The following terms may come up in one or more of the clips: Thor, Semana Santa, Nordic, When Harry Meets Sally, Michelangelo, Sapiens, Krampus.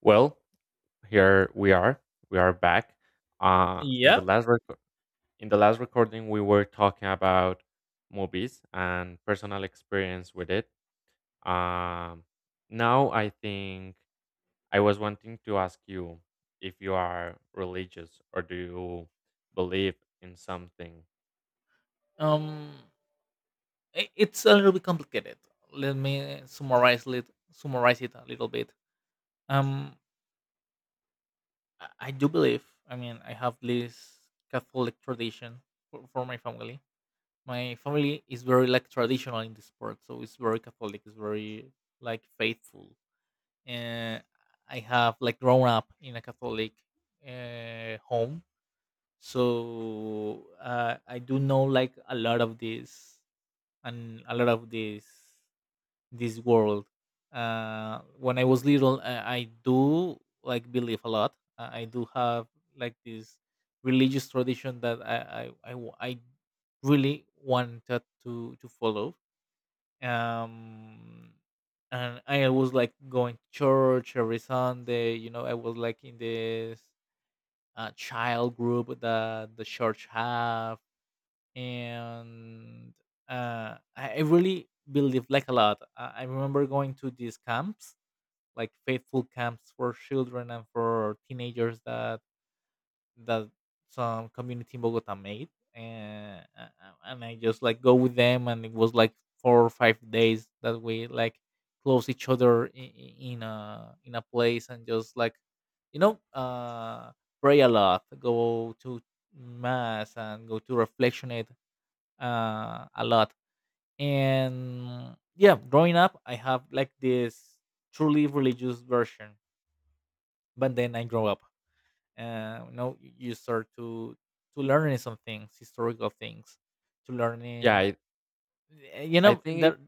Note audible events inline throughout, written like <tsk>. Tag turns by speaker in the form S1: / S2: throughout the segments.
S1: Well, here we are. We are back. Uh, in the
S2: Yeah.
S1: last reco- in the last recording, we were talking about movies and personal experience with it. Um, Now I think I was wanting to ask you if you are religious or do you believe in something.
S2: Um, it's a little bit complicated. Let me summarize it. Summarize it a little bit. Um, I do believe. I mean, I have this Catholic tradition for my family. My family is very like traditional in this part, so it's very Catholic. It's very like faithful. And I have like grown up in a Catholic home, so I do know like a lot of this and a lot of these this world. When I was little, I do like believe a lot. I do have like this religious tradition that I really wanted to follow. Um, and I was like going to church every Sunday. I was like in this child group that the church have, and I really believe like a lot. I remember going to these camps, like faithful camps for children and for teenagers that that some community in Bogota made, and I just like go with them, and it was like 4 or 5 days that we like close each other in a place and just like you know uh pray a lot, go to mass, and go to reflectionate a lot. And yeah, growing up, I have like this truly religious version, but then I grow up. You start to learn some things, historical things, to
S1: Yeah,
S2: learning.
S1: I,
S2: You
S1: I
S2: know,
S1: think
S2: that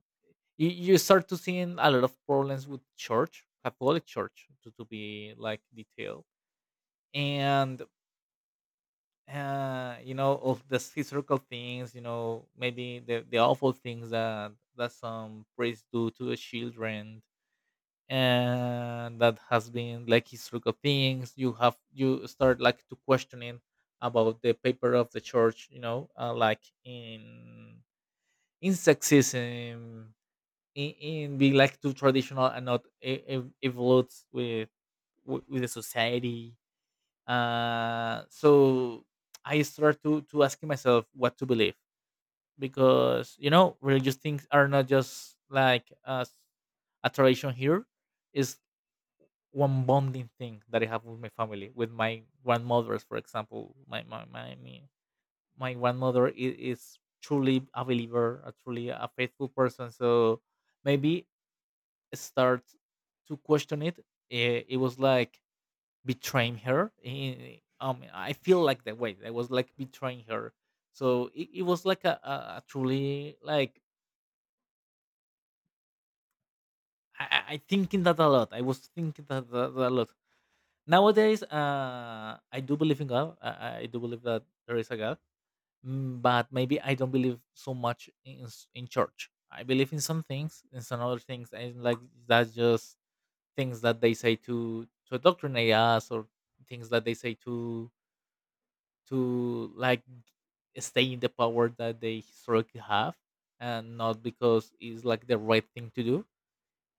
S2: you start to seeing a lot of problems with church, Catholic church, to be like detailed, and of the historical things, maybe the awful things that some priests do to the children, and that has been like historical things. You start like to questioning about the paper of the church, like in sexism, in being like too traditional and not evolves with the society, so I start to asking myself what to believe, because religious things are not just like a tradition here. Is one bonding thing that I have with my family, with my grandmothers, for example. My grandmother is truly a believer, a truly a faithful person. So maybe start to question it. It was like betraying her. I feel like that way. I was like betraying her. So it was like a truly like I thinking that a lot. I was thinking that a lot. Nowadays, I do believe in God. I do believe that there is a God. But maybe I don't believe so much in church. I believe in some things, and some other things, and like that's just things that they say to indoctrinate us, or things that they say to like stay in the power that they historically have, and not because it's like the right thing to do.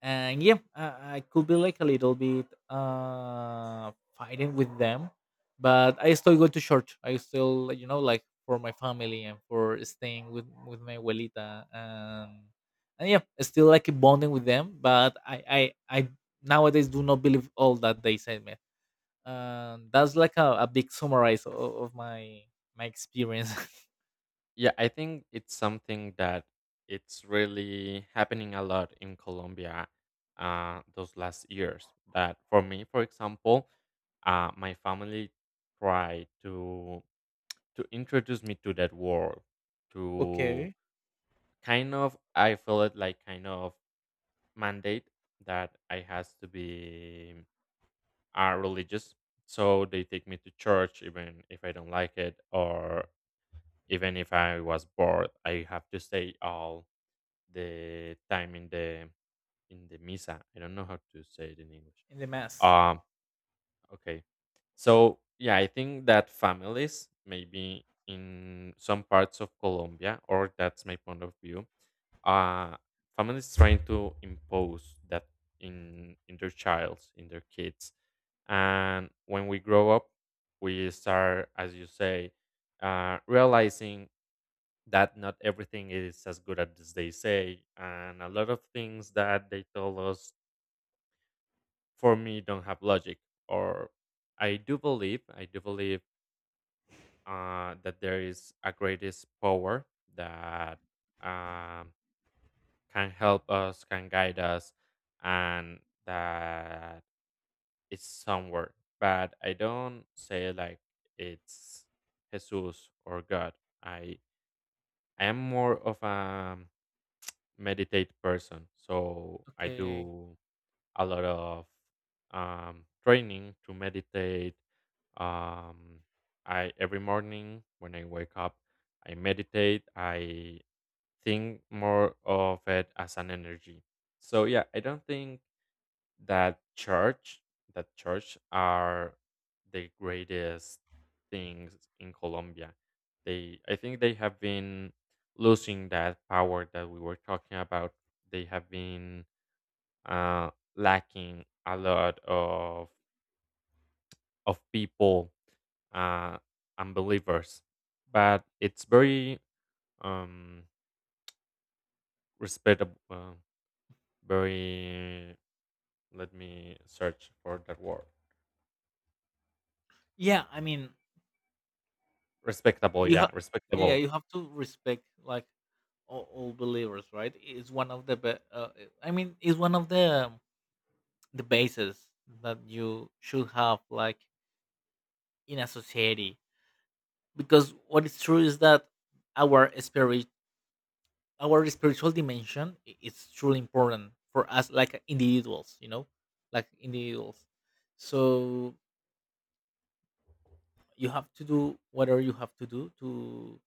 S2: And yeah, I could be like a little bit fighting with them, but I still go to church, I still, like for my family and for staying with my abuelita, and yeah, still like bonding with them, but I nowadays do not believe all that they said, man. And that's like a big summarize of my experience. <laughs>
S1: Yeah, I think it's something that it's really happening a lot in Colombia those last years. That for me, for example, my family tried to introduce me to that world, to
S2: Okay.
S1: kind of I feel it like kind of mandate that I has to be religious. So they take me to church even if I don't like it, or even if I was bored, I have to stay all the time in the misa. I don't know how to say it in English.
S2: In the mass.
S1: Um, okay. So yeah, I think that families maybe in some parts of Colombia, or that's my point of view, uh, families trying to impose that in their childs, in their kids, and when we grow up, we start, as you say, realizing that not everything is as good as they say and a lot of things that they told us for me don't have logic or I do believe that there is a greatest power that um, can help us can guide us and that it's somewhere but I don't say like it's jesus or god I I am more of a meditate person. So I
S2: Okay.
S1: do a lot of training to meditate. Um, I every morning when I wake up, I meditate. I think more of it as an energy. So yeah, I don't think that church that church are the greatest things in Colombia. They I think they have been losing that power that we were talking about. They have been uh, lacking a lot of people uh, and believers, but it's very um, respectable, very let me search for that word
S2: Yeah, I mean, you have yeah, yeah,
S1: respectable.
S2: you have to respect like all believers, right? it's one of the be- I mean, it's one of the bases that you should have like in a society, because what is true is that our spirit our spiritual dimension is truly important for us like individuals, like individuals. So you have to do whatever you have to do to,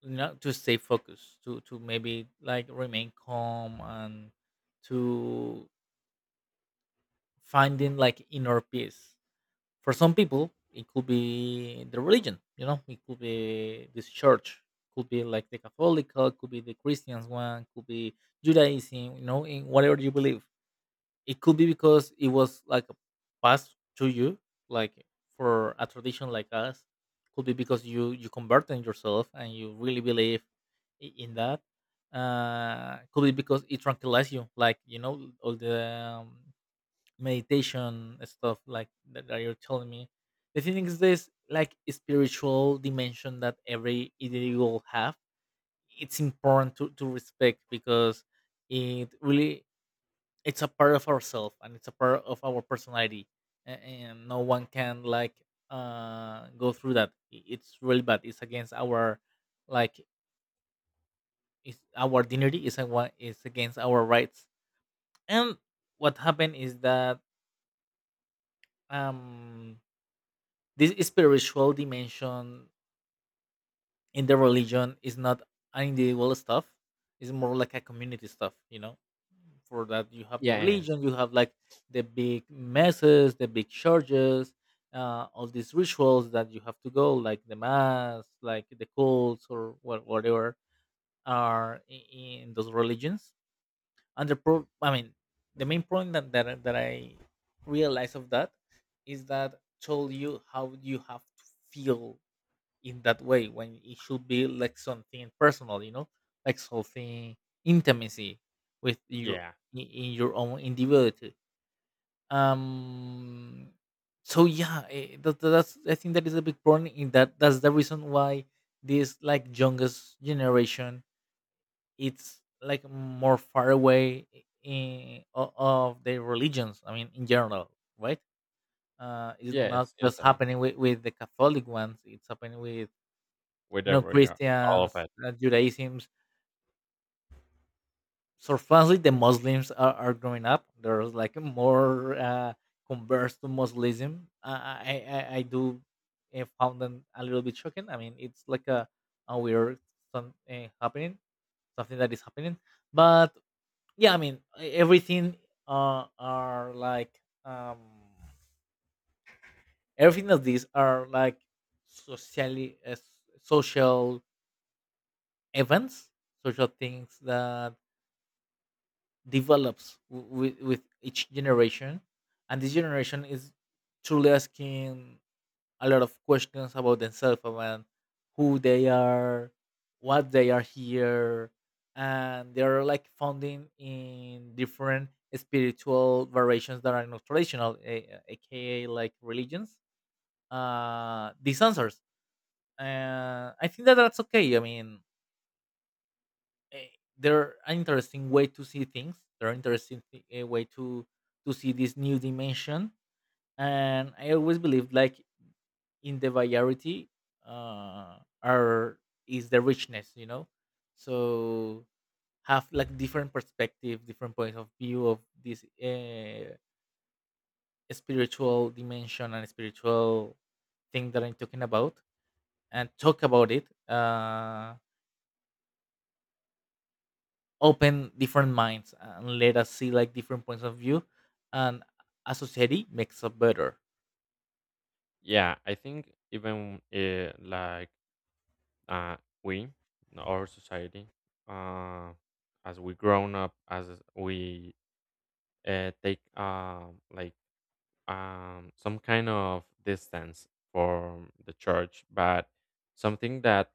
S2: to stay focused, to maybe like remain calm, and to finding like inner peace. For some people it could be the religion, it could be this church, could be like the Catholic, could be the Christians one, could be Judaism, in whatever you believe. It could be because it was like passed to you, like for a tradition like us. Could be because you converted yourself and you really believe in that. Could be because it tranquilizes you, like all the um, meditation stuff like that you're telling me. The thing is this like spiritual dimension that every individual have, it's important to respect, because it really, it's a part of ourselves and it's a part of our personality. And no one can like go through that. It's really bad, it's against our like, it's our dignity, it's against our rights. And what happened is that, um this spiritual dimension in the religion is not an individual stuff, it's more like a community stuff, you know? For that you have the
S1: Yes.
S2: religion, you have like the big masses, the big churches, all these rituals that you have to go, like the mass, like the cults, or whatever, are in those religions. And I mean, the main point that I realized of that is that told you how you have to feel in that way, when it should be like something personal, like something intimacy with your,
S1: Yeah.
S2: in your own individuality. um so yeah, eh, that, that's I think that is a big problem in that. That's the reason why this like youngest generation it's like more far away of their religions, I mean, in general, right? It's not
S1: Yes, yes,
S2: just
S1: I
S2: happening with the Catholic ones, it's happening with,
S1: Whatever. Every all of
S2: Christians,
S1: it.
S2: Judaism's. Surprisingly, the Muslims are growing up. There's like more converts to Muslim. I do found them a little bit shocking. I mean, it's like a weird some happening, something that is happening. But yeah, I mean, everything are like um, everything of these are like socially, social events, social things that develops with each generation. And this generation is truly asking a lot of questions about themselves, about who they are, what they are here, and they are like founding in different spiritual variations that are not traditional, aka like religions, these answers. I think that that's okay. I mean, eh, they're an interesting way to see things. They're an interesting way to see this new dimension. And I always believe like in the variety, are is the richness, you know. So have like different perspective, different points of view of this spiritual dimension and spiritual thing that I'm talking about, and talk about it. Open different minds and let us see like different points of view, and a society makes us better.
S1: Yeah, I think even like uh, we, our society, uh, as we grown up, as we take like some kind of distance from the church, but something that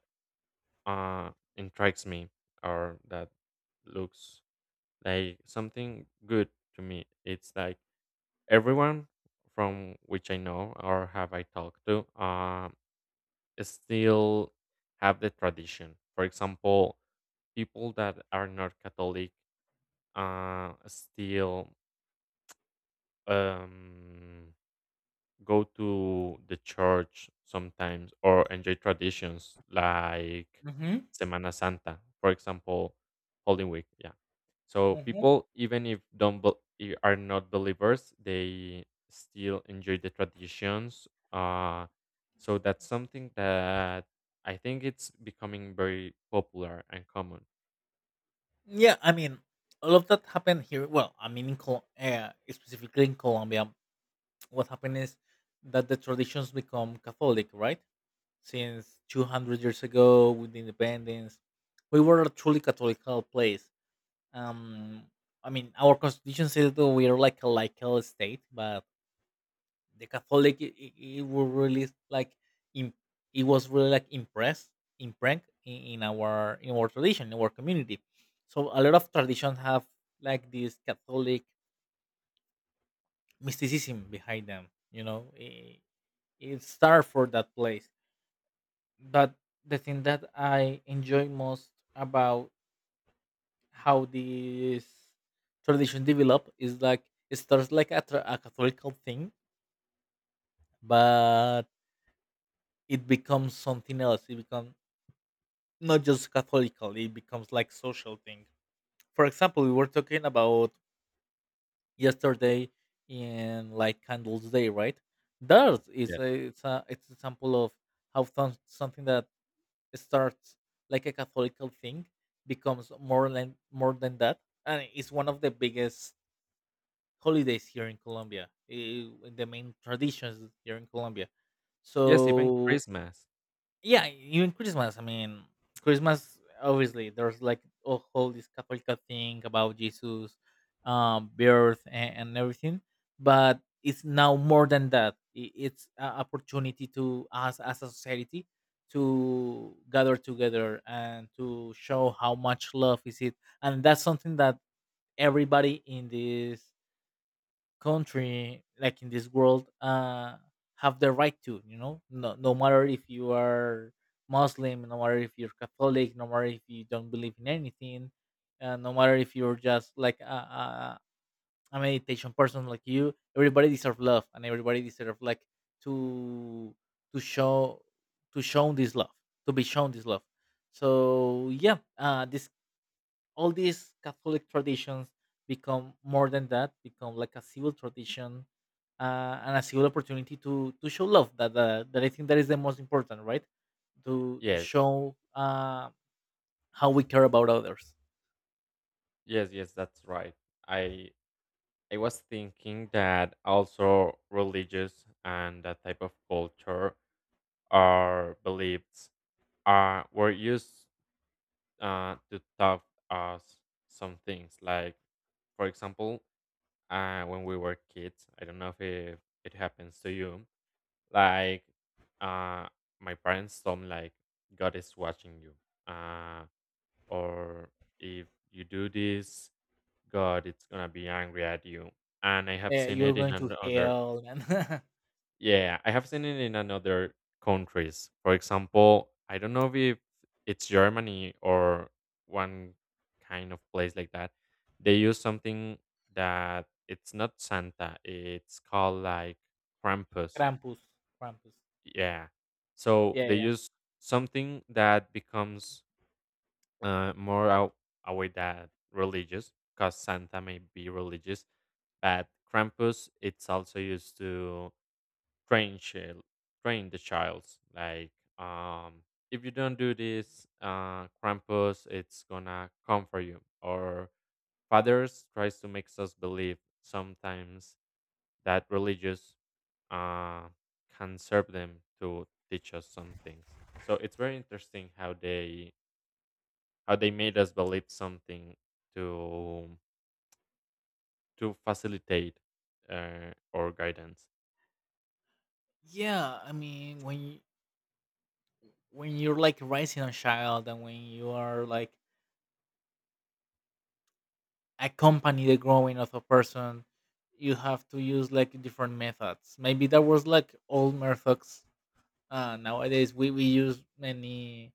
S1: uh intrigues me or that looks like something good to me. It's like everyone from which I know or have I talked to still have the tradition. For example, people that are not Catholic still. Um, go to the church sometimes or enjoy traditions like
S2: Hmm.
S1: Semana Santa, for example, Holy Week. Yeah. So
S2: Hmm.
S1: people, even if don't bel- I- are not believers, they still enjoy the traditions. So that's something that I think it's becoming very popular and common.
S2: Yeah, I mean, all of that happened here, well, I mean, specifically in Colombia. What happened is that the traditions become Catholic, right? Since 200 years ago, with the independence, we were a truly Catholic place. um I mean, our constitution says that we are like a laical state, but the Catholic it were really like im it was really like impressed imprint in our tradition, in our community. So a lot of traditions have like this Catholic mysticism behind them. It started for that place. But the thing that I enjoy most about how this tradition develop is like, it starts like a Catholic thing, but it becomes something else. It becomes not just catholical, it becomes like social thing. For example, we were talking about yesterday in like candles day, right? That is
S1: Yes.
S2: a it's example of how something that starts like a catholical thing becomes more than that. And it's one of the biggest holidays here in Colombia, the main traditions here in Colombia,
S1: Yes, even
S2: so...
S1: Christmas.
S2: Yeah, even Christmas. I mean, Christmas. Obviously, there's like a whole this Catholic thing about Jesus, birth and everything. But it's now more than that. It's an opportunity to us as a society to gather together and to show how much love is it, and that's something that everybody in this country like in this world have the right to, you know. No, no matter if you are muslim, no matter if you're catholic, no matter if you don't believe in anything, no matter if you're just like a, a meditation person like you. Everybody deserves love and everybody deserves like to to show, to show this love, to be shown this love. So yeah, this, all these Catholic traditions become more than that, become like a civil tradition, and a civil opportunity to show love. That I think that is the most important, right? To
S1: Yes.
S2: show how we care about others.
S1: Yes. Yes. That's right. I I was thinking that also religious and that type of culture or beliefs are were used to taught us some things. Like, for example, when we were kids, I don't know if it, it happens to you. Like, uh, my parents told me like God is watching you, uh, or if you do this, God it's gonna be angry at you. And I have seen
S2: You're
S1: it in
S2: going to
S1: another
S2: hell and <laughs>
S1: Yeah, I have seen it in another countries. For example, I don't know if it's Germany or one kind of place like that. They use something that it's not Santa, it's called like Krampus.
S2: Krampus, Krampus.
S1: Yeah. So
S2: Yeah,
S1: they
S2: yeah,
S1: use something that becomes more out a way that religious, because Santa may be religious, but Krampus it's also used to train child train the child like um if you don't do this krampus it's gonna come for you or fathers tries to makes us believe sometimes that religious uh can serve them to teach us some things so it's very interesting how they made us believe something to to facilitate our guidance.
S2: yeah. I mean, when you, when you're like raising a child and when you are like accompany the growing of a person, you have to use like different methods. Maybe that was like old methods. Nowadays we use many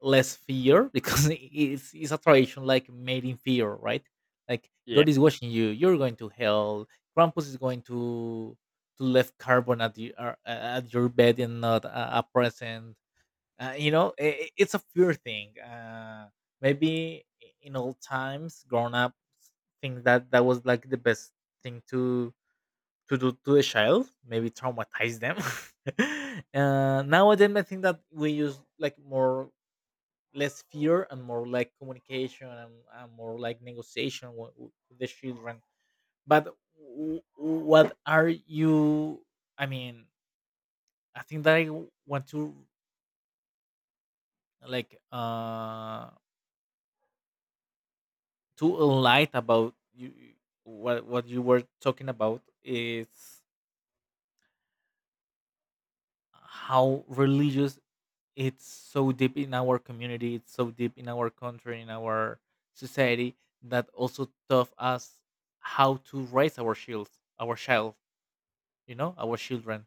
S2: less fear <laughs> because it's a tradition like made in fear, right? Like
S1: Yeah.
S2: god is watching you, you're going to hell, krampus is going to left carbon at, the, at your bed and not a present. You know, it's a fear thing. Maybe in old times, grown up think that that was like the best thing to do to a child, maybe traumatize them. <laughs> Nowadays I think that we use like more less fear and more like communication, and more like negotiation with the children. But w- w- what are you I mean, I think that I want to, like uh to enlight about you what you were talking about is how religious, it's so deep in our community, it's so deep in our country, in our society, that also taught us how to raise our shields, our child, you know, our children.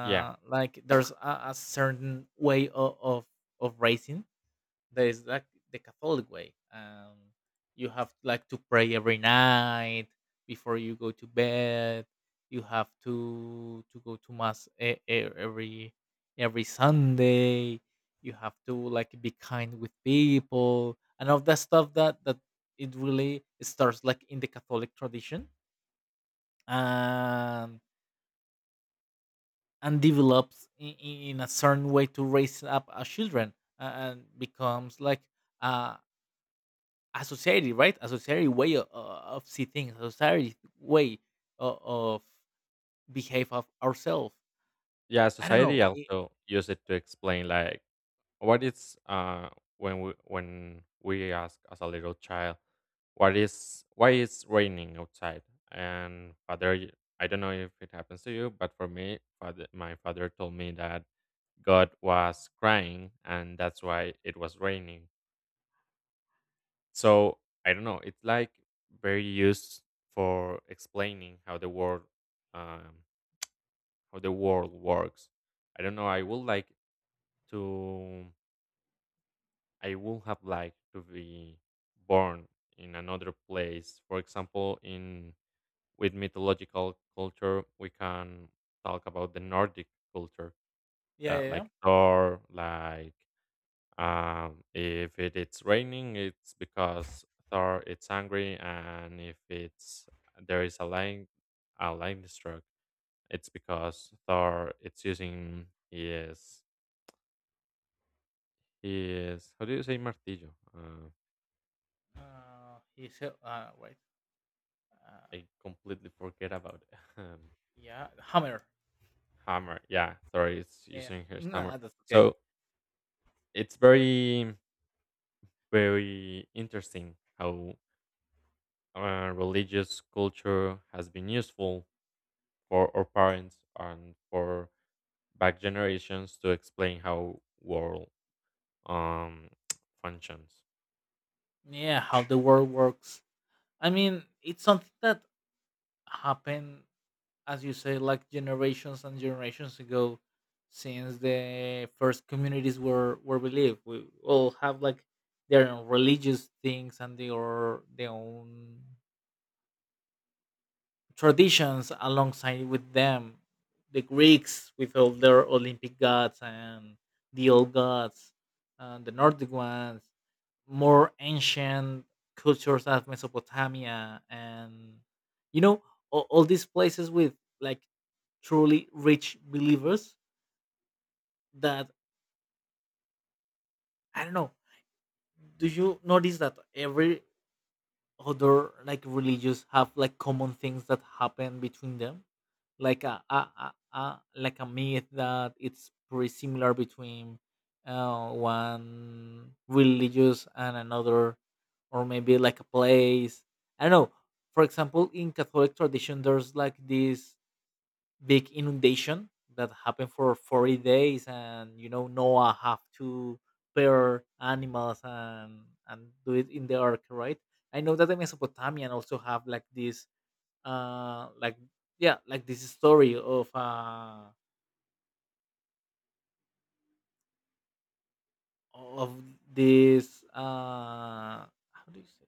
S1: Yeah.
S2: Like there's a certain way of raising. There is like the Catholic way. You have like to pray every night before you go to bed. You have to go to mass every Sunday. You have to like be kind with people and all that stuff. That it really starts like in the Catholic tradition and and develops in a certain way to raise up a children and becomes like a, a society, right? A society way of see things, a society way of behave of ourselves.
S1: Yeah,
S2: I don't
S1: society
S2: know. It,
S1: also use it to explain like what is when we ask as a little child what is why it's raining outside and I don't know if it happens to you but for me father my father told me that God was crying and that's why it was raining so I don't know it's like very used for explaining um how the world works. I don't know I would like to I would have liked to be born in another place. For example, in with mythological culture, we can talk about the Nordic culture,
S2: yeah, yeah,
S1: that
S2: yeah.
S1: like Thor. Like if it, it's raining, it's because Thor it's angry, and if it's there is a line struck, it's because Thor it's using his how do you say martillo? Uh,
S2: He said, wait. Uh,
S1: I completely forget about <laughs> um,
S2: yeah, hammer.
S1: hammer. Yeah, sorry, it's
S2: Yeah.
S1: using
S2: <laughs>
S1: her
S2: Nah,
S1: hammer.
S2: that's okay.
S1: So it's very, very interesting how religious culture has been useful for our parents and for back generations to explain how world um <tsk> functions.
S2: Yeah, how the world works. I mean, it's something that happened, as you say, like generations and generations ago. Since the first communities where we live, we all have like their own religious things and their own traditions alongside with them. The Greeks with all their Olympic gods and the old gods, and the Nordic ones, more ancient cultures as Mesopotamia and, you know, all these places with like truly rich believers that, I don't know. Do you notice that every other like religious have like common things that happen between them? Like a like a myth that it's pretty similar between, one religious and another, or maybe like a place. I don't know. For example, in Catholic tradition, there's like this big inundation that happened for 40 days, and you know Noah have to pair animals and do it in the ark, right? I know that the mesopotamian also have like this, uh like yeah, like this story of of this, how do you say,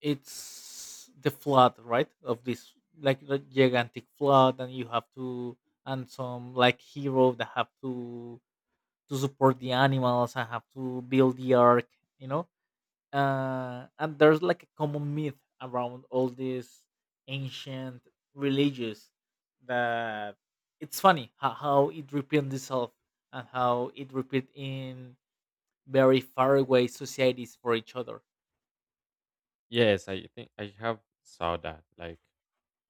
S2: it's the flood, right? Of this like the gigantic flood, and you have to, and some like hero that have to support the animals. I have to build the ark, you know. And there's like a common myth around all these ancient religious that it's funny how it repeats itself and how it repeats in very faraway societies for each other.
S1: Yes, I think I have saw that. Like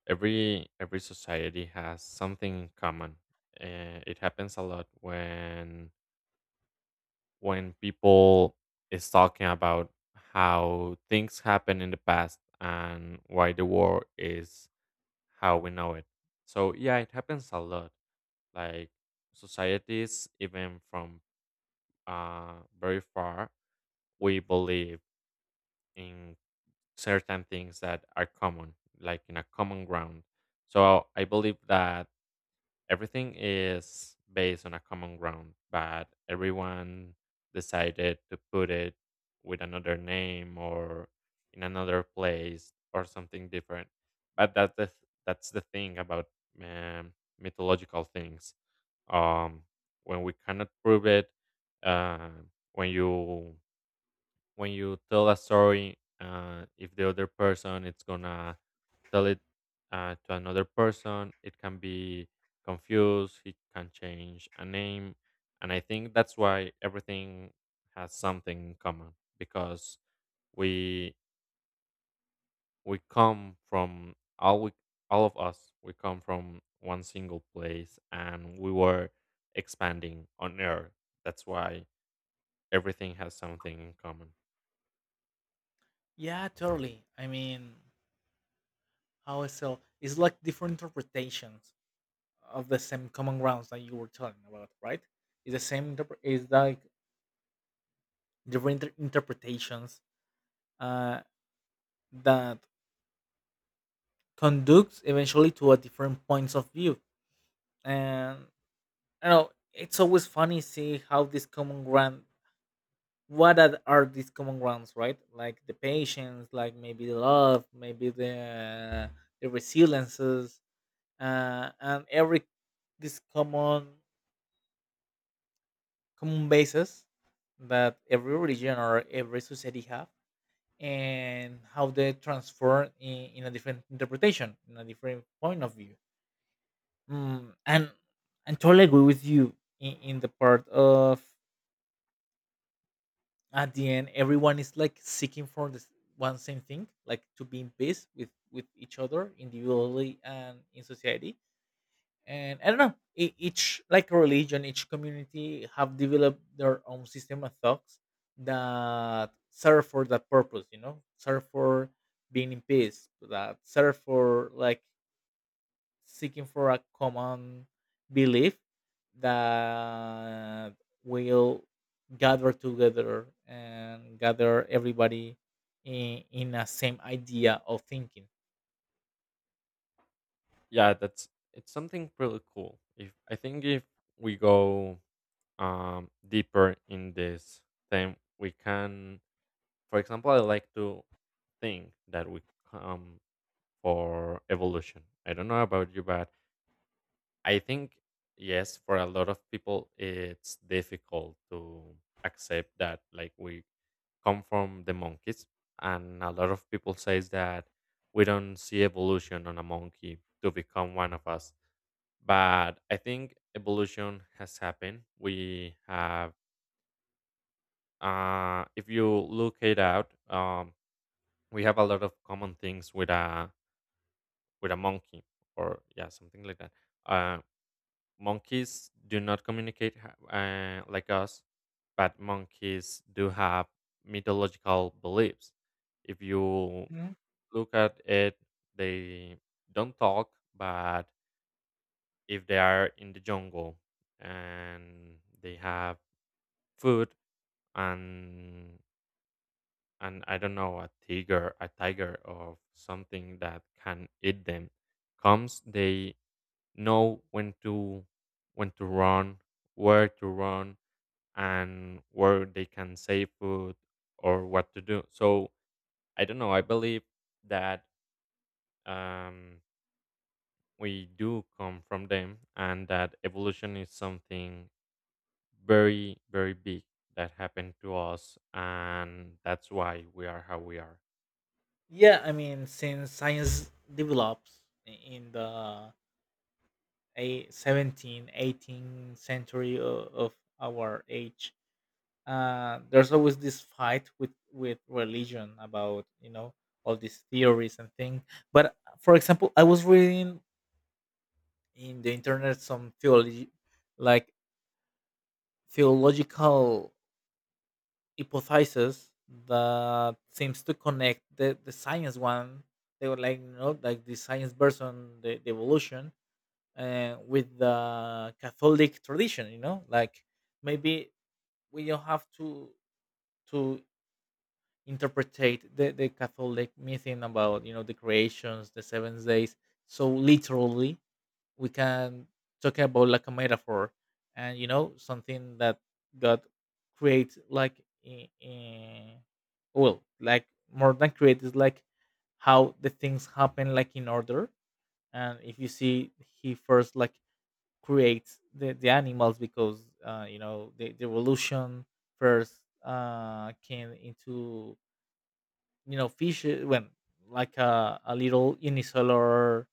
S1: every society has something in common. It happens a lot when people is talking about how things happen in the past and why the world is how we know it. So yeah, it happens a lot. Like societies, even from very far, we believe in certain things that are common, like in a common ground. So I believe that everything is based on a common ground, but everyone decided to put it with another name or in another place or something different. But that's the thing about um, mythological things. Um, when we cannot prove it, uh, when you when you tell a story, if the other person it's gonna tell it to another person, it can be confused, it can change a name. And I think that's why everything has something in common because we we come from all we all of us we come from one single place and we were expanding on earth. That's why everything has something in common.
S2: Yeah, totally. I mean, how I sell it's like different interpretations of the same common grounds that you were talking about, right? It's the same. It's like different interpretations uh, that conducts eventually to a different points of view. And I know it's always funny see how these common ground, what are these common grounds, right? Like the patience, like maybe the love, maybe the resiliences, and every this common common basis that every religion or every society have, and how they transform in a different interpretation in a different point of view. Mm, and totally agree with you in the part of, at the end everyone is like seeking for this one same thing, like to be in peace with each other individually and in society. And I don't know, each like religion, each community have developed their own system of thoughts that serve for that purpose. You know, serve for being in peace, that serve for like seeking for a common belief that will gather together and gather everybody in a same idea of thinking.
S1: Yeah, that's it's something pretty cool. If I think if we go deeper in this thing, we can, for example, I like to think that we come for evolution. I don't know about you, but I think, yes, for a lot of people, it's difficult to accept that, like, we come from the monkeys. And a lot of people says that we don't see evolution on a monkey to become one of us. But I think evolution has happened. We have if you look it out, we have a lot of common things with a monkey or yeah, something like that. Uh, monkeys do not communicate like us, but monkeys do have mythological beliefs. If you
S2: Mhm.
S1: look at it, they don't talk, but if they are in the jungle and they have food and and I don't know a tiger or something that can eat them comes, they know when to run, where to run, and where they can save food or what to do. So I don't know. I believe that um, we do come from them, and that evolution is something very very big that happened to us, and that's why we are how we are.
S2: Yeah, I mean, since science develops in the a 17, 18th century of our age, there's always this fight with religion about, you know, all these theories and things. But for example, I was reading in the internet some theology like theological hypothesis that seems to connect the science one. They were like, you know, like the science version, the evolution, with the Catholic tradition. You know, like maybe we don't have to interpretate the Catholic mything about, you know, the creations, the 7 days. So literally, we can talk about like a metaphor, and you know something that God creates like in, well, like more than create is like how the things happen like in order. And if you see, he first like creates the animals because, you know, the evolution first came into, you know, fish, when like a little unicellular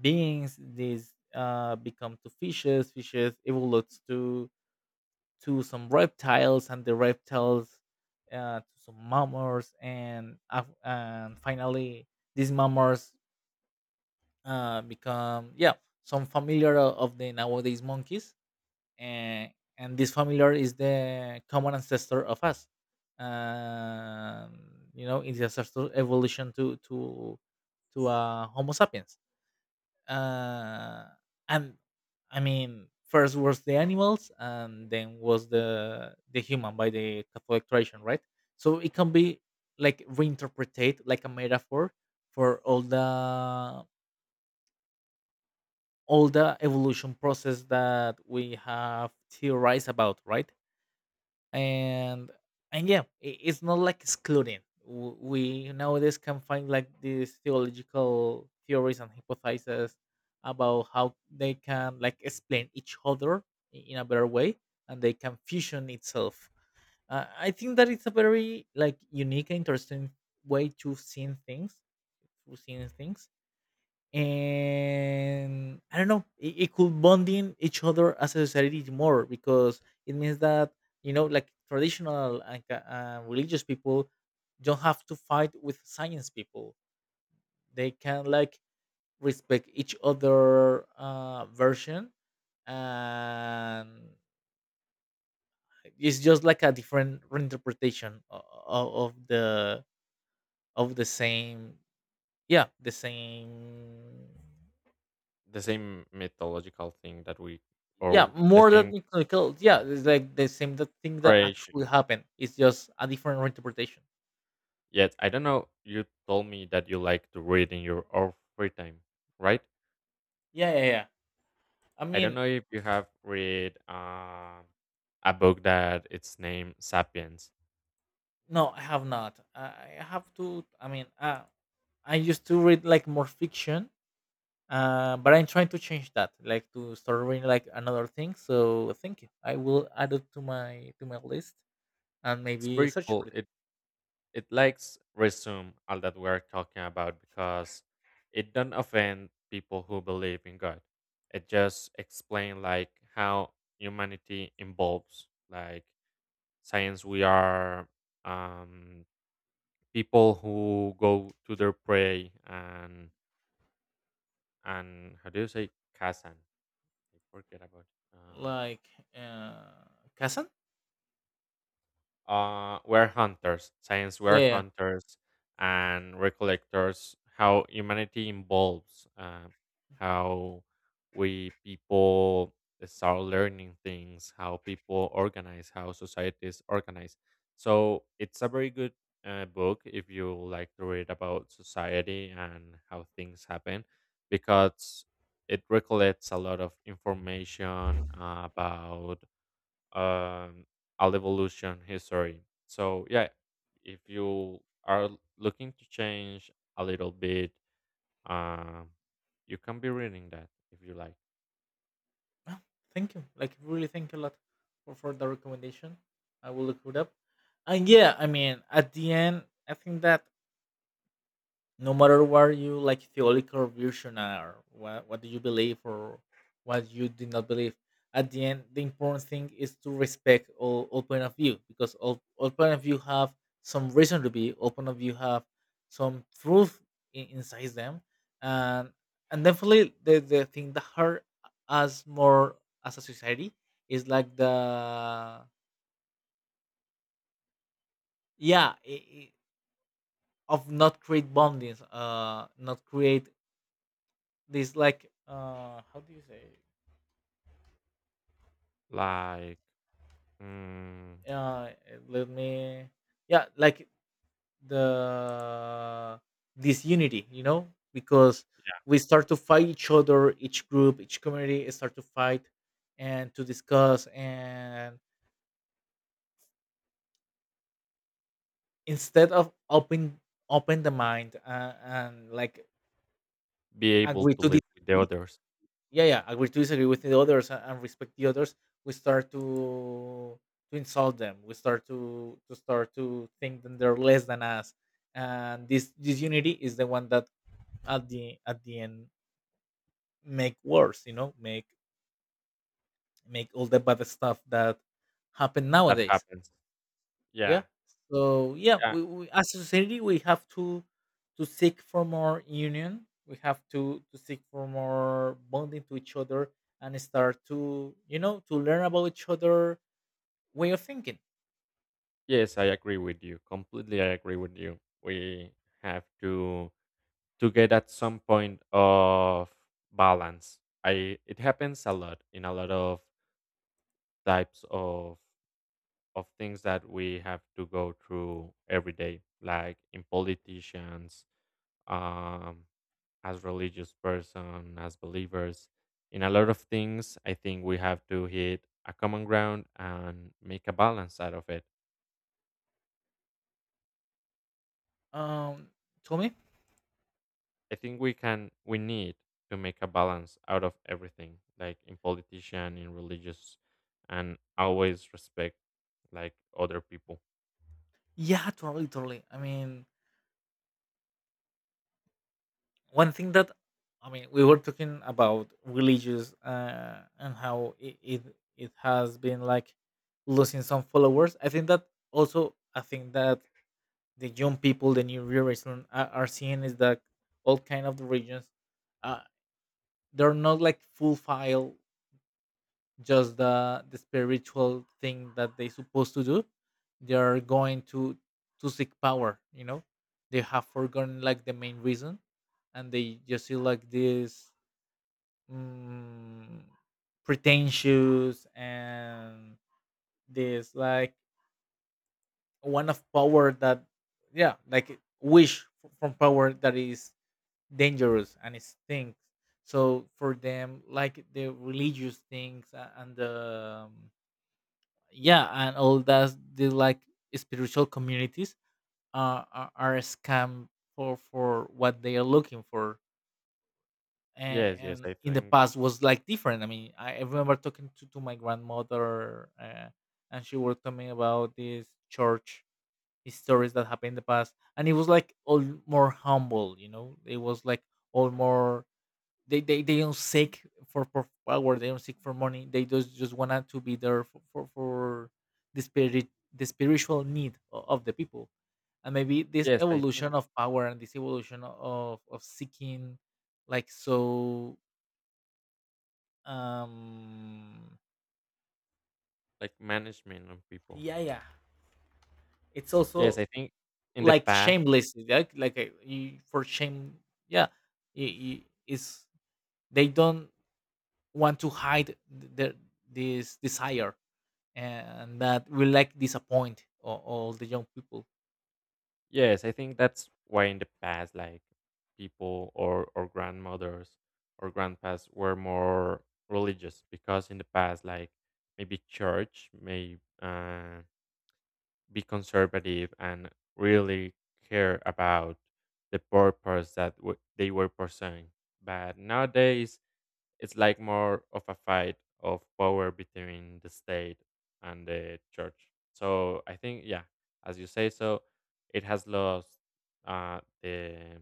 S2: beings, these become to fishes, fishes evolutes to some reptiles, and the reptiles to some mammals, and finally these mammals become, yeah, some familiar of the nowadays monkeys, and and this familiar is the common ancestor of us. You know, it's the ancestor evolution to, homo sapiens. uh and I mean first was the animals and then was the human by the Catholic tradition, right? So it can be like reinterpreted like a metaphor for all the evolution process that we have theorized about, right? And and yeah i- it's not like excluding. We nowadays can find like these theological theories and hypotheses about how they can like explain each other in a better way, and they can fusion itself. I think that it's a very like unique and interesting way to seeing things, to seeing things. And I don't know, it could bonding each other as a society more because it means that, you know, like traditional like, religious people don't have to fight with science people. They can like respect each other version, and it's just like a different reinterpretation of the of the same, yeah, the same.
S1: The same mythological thing that we
S2: Yeah,
S1: or the
S2: more
S1: same
S2: than clinical. Yeah, it's like the same that thing that actually
S1: creation.
S2: happened. It's just a different interpretation.
S1: Yet I don't know, you told me that you like to read in your own free time, right?
S2: Yeah, yeah, yeah. I
S1: I don't
S2: mean,
S1: know if you have read a book that it's named Sapiens.
S2: no, I have not. I have to. I mean, I used to read like more fiction, but I'm trying to change that, like to start reading like another thing. So thank you. I will add it to my list and
S1: It's
S2: maybe
S1: pretty
S2: search for
S1: cool.
S2: it.
S1: It likes resume all that we're talking about because it don't offend people who believe in God. It just explain like how humanity involves like science, we are um, people who go to their prey and how do you say kasan? I forget about. uh,
S2: Like, uh, Kazan.
S1: were hunters, science we're
S2: Yeah.
S1: hunters and recollectors, how humanity evolves, how we people start learning things, how people organize, how societies organize. So it's a very good book if you like to read about society and how things happen because it recollects a lot of information about um, all evolution history. So yeah, if you are looking to change a little bit, um, you can be reading that if you
S2: Oh, thank you. Like really thank you a lot for the recommendation. I will look it up. And yeah, I mean at the end I think that, no matter what you like theological version or what do you believe or what you do not believe, at the end the important thing is to respect all point of view, because all point of view have some reason to be, all point of view have some truth in, inside them. and and definitely the thing that hurt us more as a society is like the, yeah, of not create bondings, not create this, like, how do you say
S1: like mm,
S2: it? It let me, yeah, like, the disunity, you know, because
S1: yeah,
S2: we start to fight each other, each group, each community start to fight and to discuss, and instead of open the mind, and like
S1: be able
S2: agree
S1: to
S2: to
S1: live with the
S2: disagree.
S1: others.
S2: Yeah, yeah, agree to disagree with the others and respect the others. We start to insult them, we start to start to think that they're less than us, and this unity is the one that, at the end, make worse, you know, make, make all the bad stuff that happen
S1: That
S2: nowadays.
S1: happens.
S2: Yeah.
S1: Yeah,
S2: So yeah,
S1: yeah,
S2: we as a society, we have to seek for more union. We have to seek for more bonding to each other, and start to, you know, to learn about each other way of thinking.
S1: yes, I agree with you. Completely, I agree with you. We have to get at some point of balance. I it happens a lot in a lot of types of things that we have to go through every day, like in politicians, um, as religious person, as believers, in a lot of things. I think we have to hit a common ground and make a balance out of it.
S2: um Tommy.
S1: I think we can, we need to make a balance out of everything, like in politician, in religious, and always respect like other people.
S2: Yeah, totally, totally. I mean, one thing that, I mean, we were talking about religious, uh, and how it has been like losing some followers. I think that, also I think that the young people, the new generation are seeing is that all kind of the religions, uh, they're not like full file, just the spiritual thing that they supposed to do. They're going to seek power. You know, they have forgotten like the main reason, and they just see like this, mm, pretentious and this like one of power that, yeah, like wish from power that is dangerous and it stinks. So for them, like the religious things and the, um, yeah, and all that the like spiritual communities, are a scam for what they are looking for. And,
S1: Yes, yes,
S2: and
S1: I
S2: in the
S1: think.
S2: past was like different. I mean, I remember talking to my grandmother, and she was telling me about this church stories that happened in the past, and it was like all more humble. You know, it was like all more, they, they don't seek for power, they don't seek for money, they just wanted to be there for for the spirit, the spiritual need of the people. And maybe this
S1: Yes, I
S2: evolution
S1: think
S2: of power and this evolution of seeking, like so, um
S1: like management on people.
S2: yeah, yeah, it's
S1: Yes,
S2: also
S1: I think in the
S2: like
S1: past
S2: shameless, like, you, for shame. Yeah, it's, they don't want to hide their, this desire. And that will like disappoint all the young people.
S1: yes, I think that's why in the past, like, people or grandmothers or grandpas were more religious because in the past, like, maybe church may, uh, be conservative and really care about the purpose that w they were pursuing. But nowadays it's like more of a fight of power between the state and the church. So I think, yeah, as you say, so it has lost the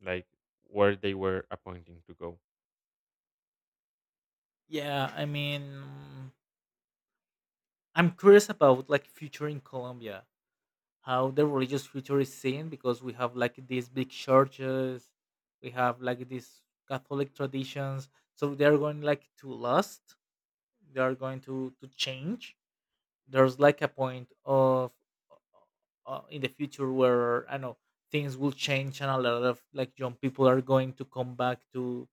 S1: like where they were appointing to go.
S2: Yeah, I mean, I'm curious about like future in Colombia, how the religious future is seen, because we have like these big churches, we have like these Catholic traditions, so they are going like to lust, they are going to change. There's like a point of, in the future where I know things will change, and a lot of like young people are going to come back to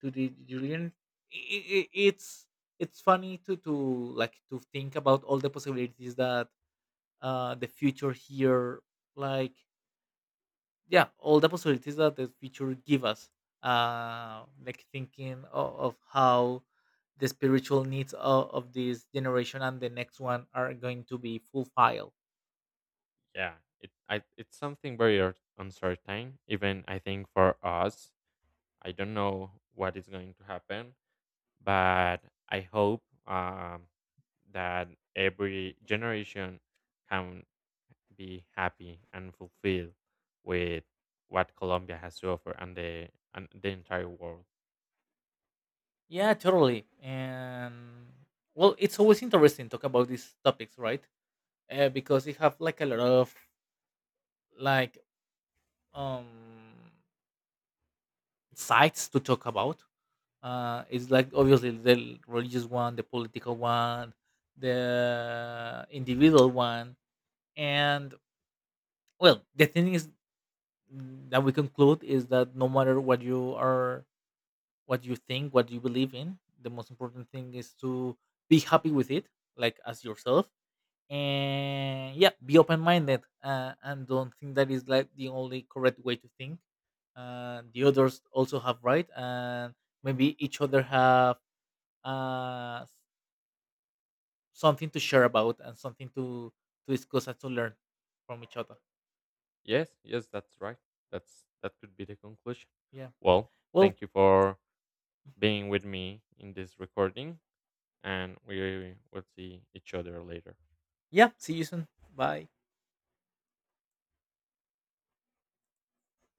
S2: to the Julian. It's it's funny to, like, to think about all the possibilities that, uh, the future here, like, yeah, all the possibilities that the future give us, uh, like thinking of how the spiritual needs of this generation and the next one are going to be fulfilled.
S1: Yeah, it I, it's something very uncertain. Even I think for us, I don't know what is going to happen, but I hope that every generation can be happy and fulfilled with what Colombia has to offer and the entire world.
S2: Yeah, totally. And well, it's always interesting talk about these topics, right? Uh, because you have like a lot of, like, um sides to talk about. Uh, it's like obviously the religious one, the political one, the individual one, and, well, the thing is, that we conclude is that no matter what you are, what you think, what you believe in, the most important thing is to be happy with it, like as yourself. And yeah, be open-minded, and don't think that is like the only correct way to think. Uh, the others also have right, and maybe each other have, uh, s- something to share about and something to discuss and to learn from each other.
S1: Yes, yes, that's right. That's that could be the conclusion.
S2: Yeah.
S1: Well,
S2: Well,
S1: thank you for being with me in this recording and we will see each other later.
S2: yeah, see you soon. Bye.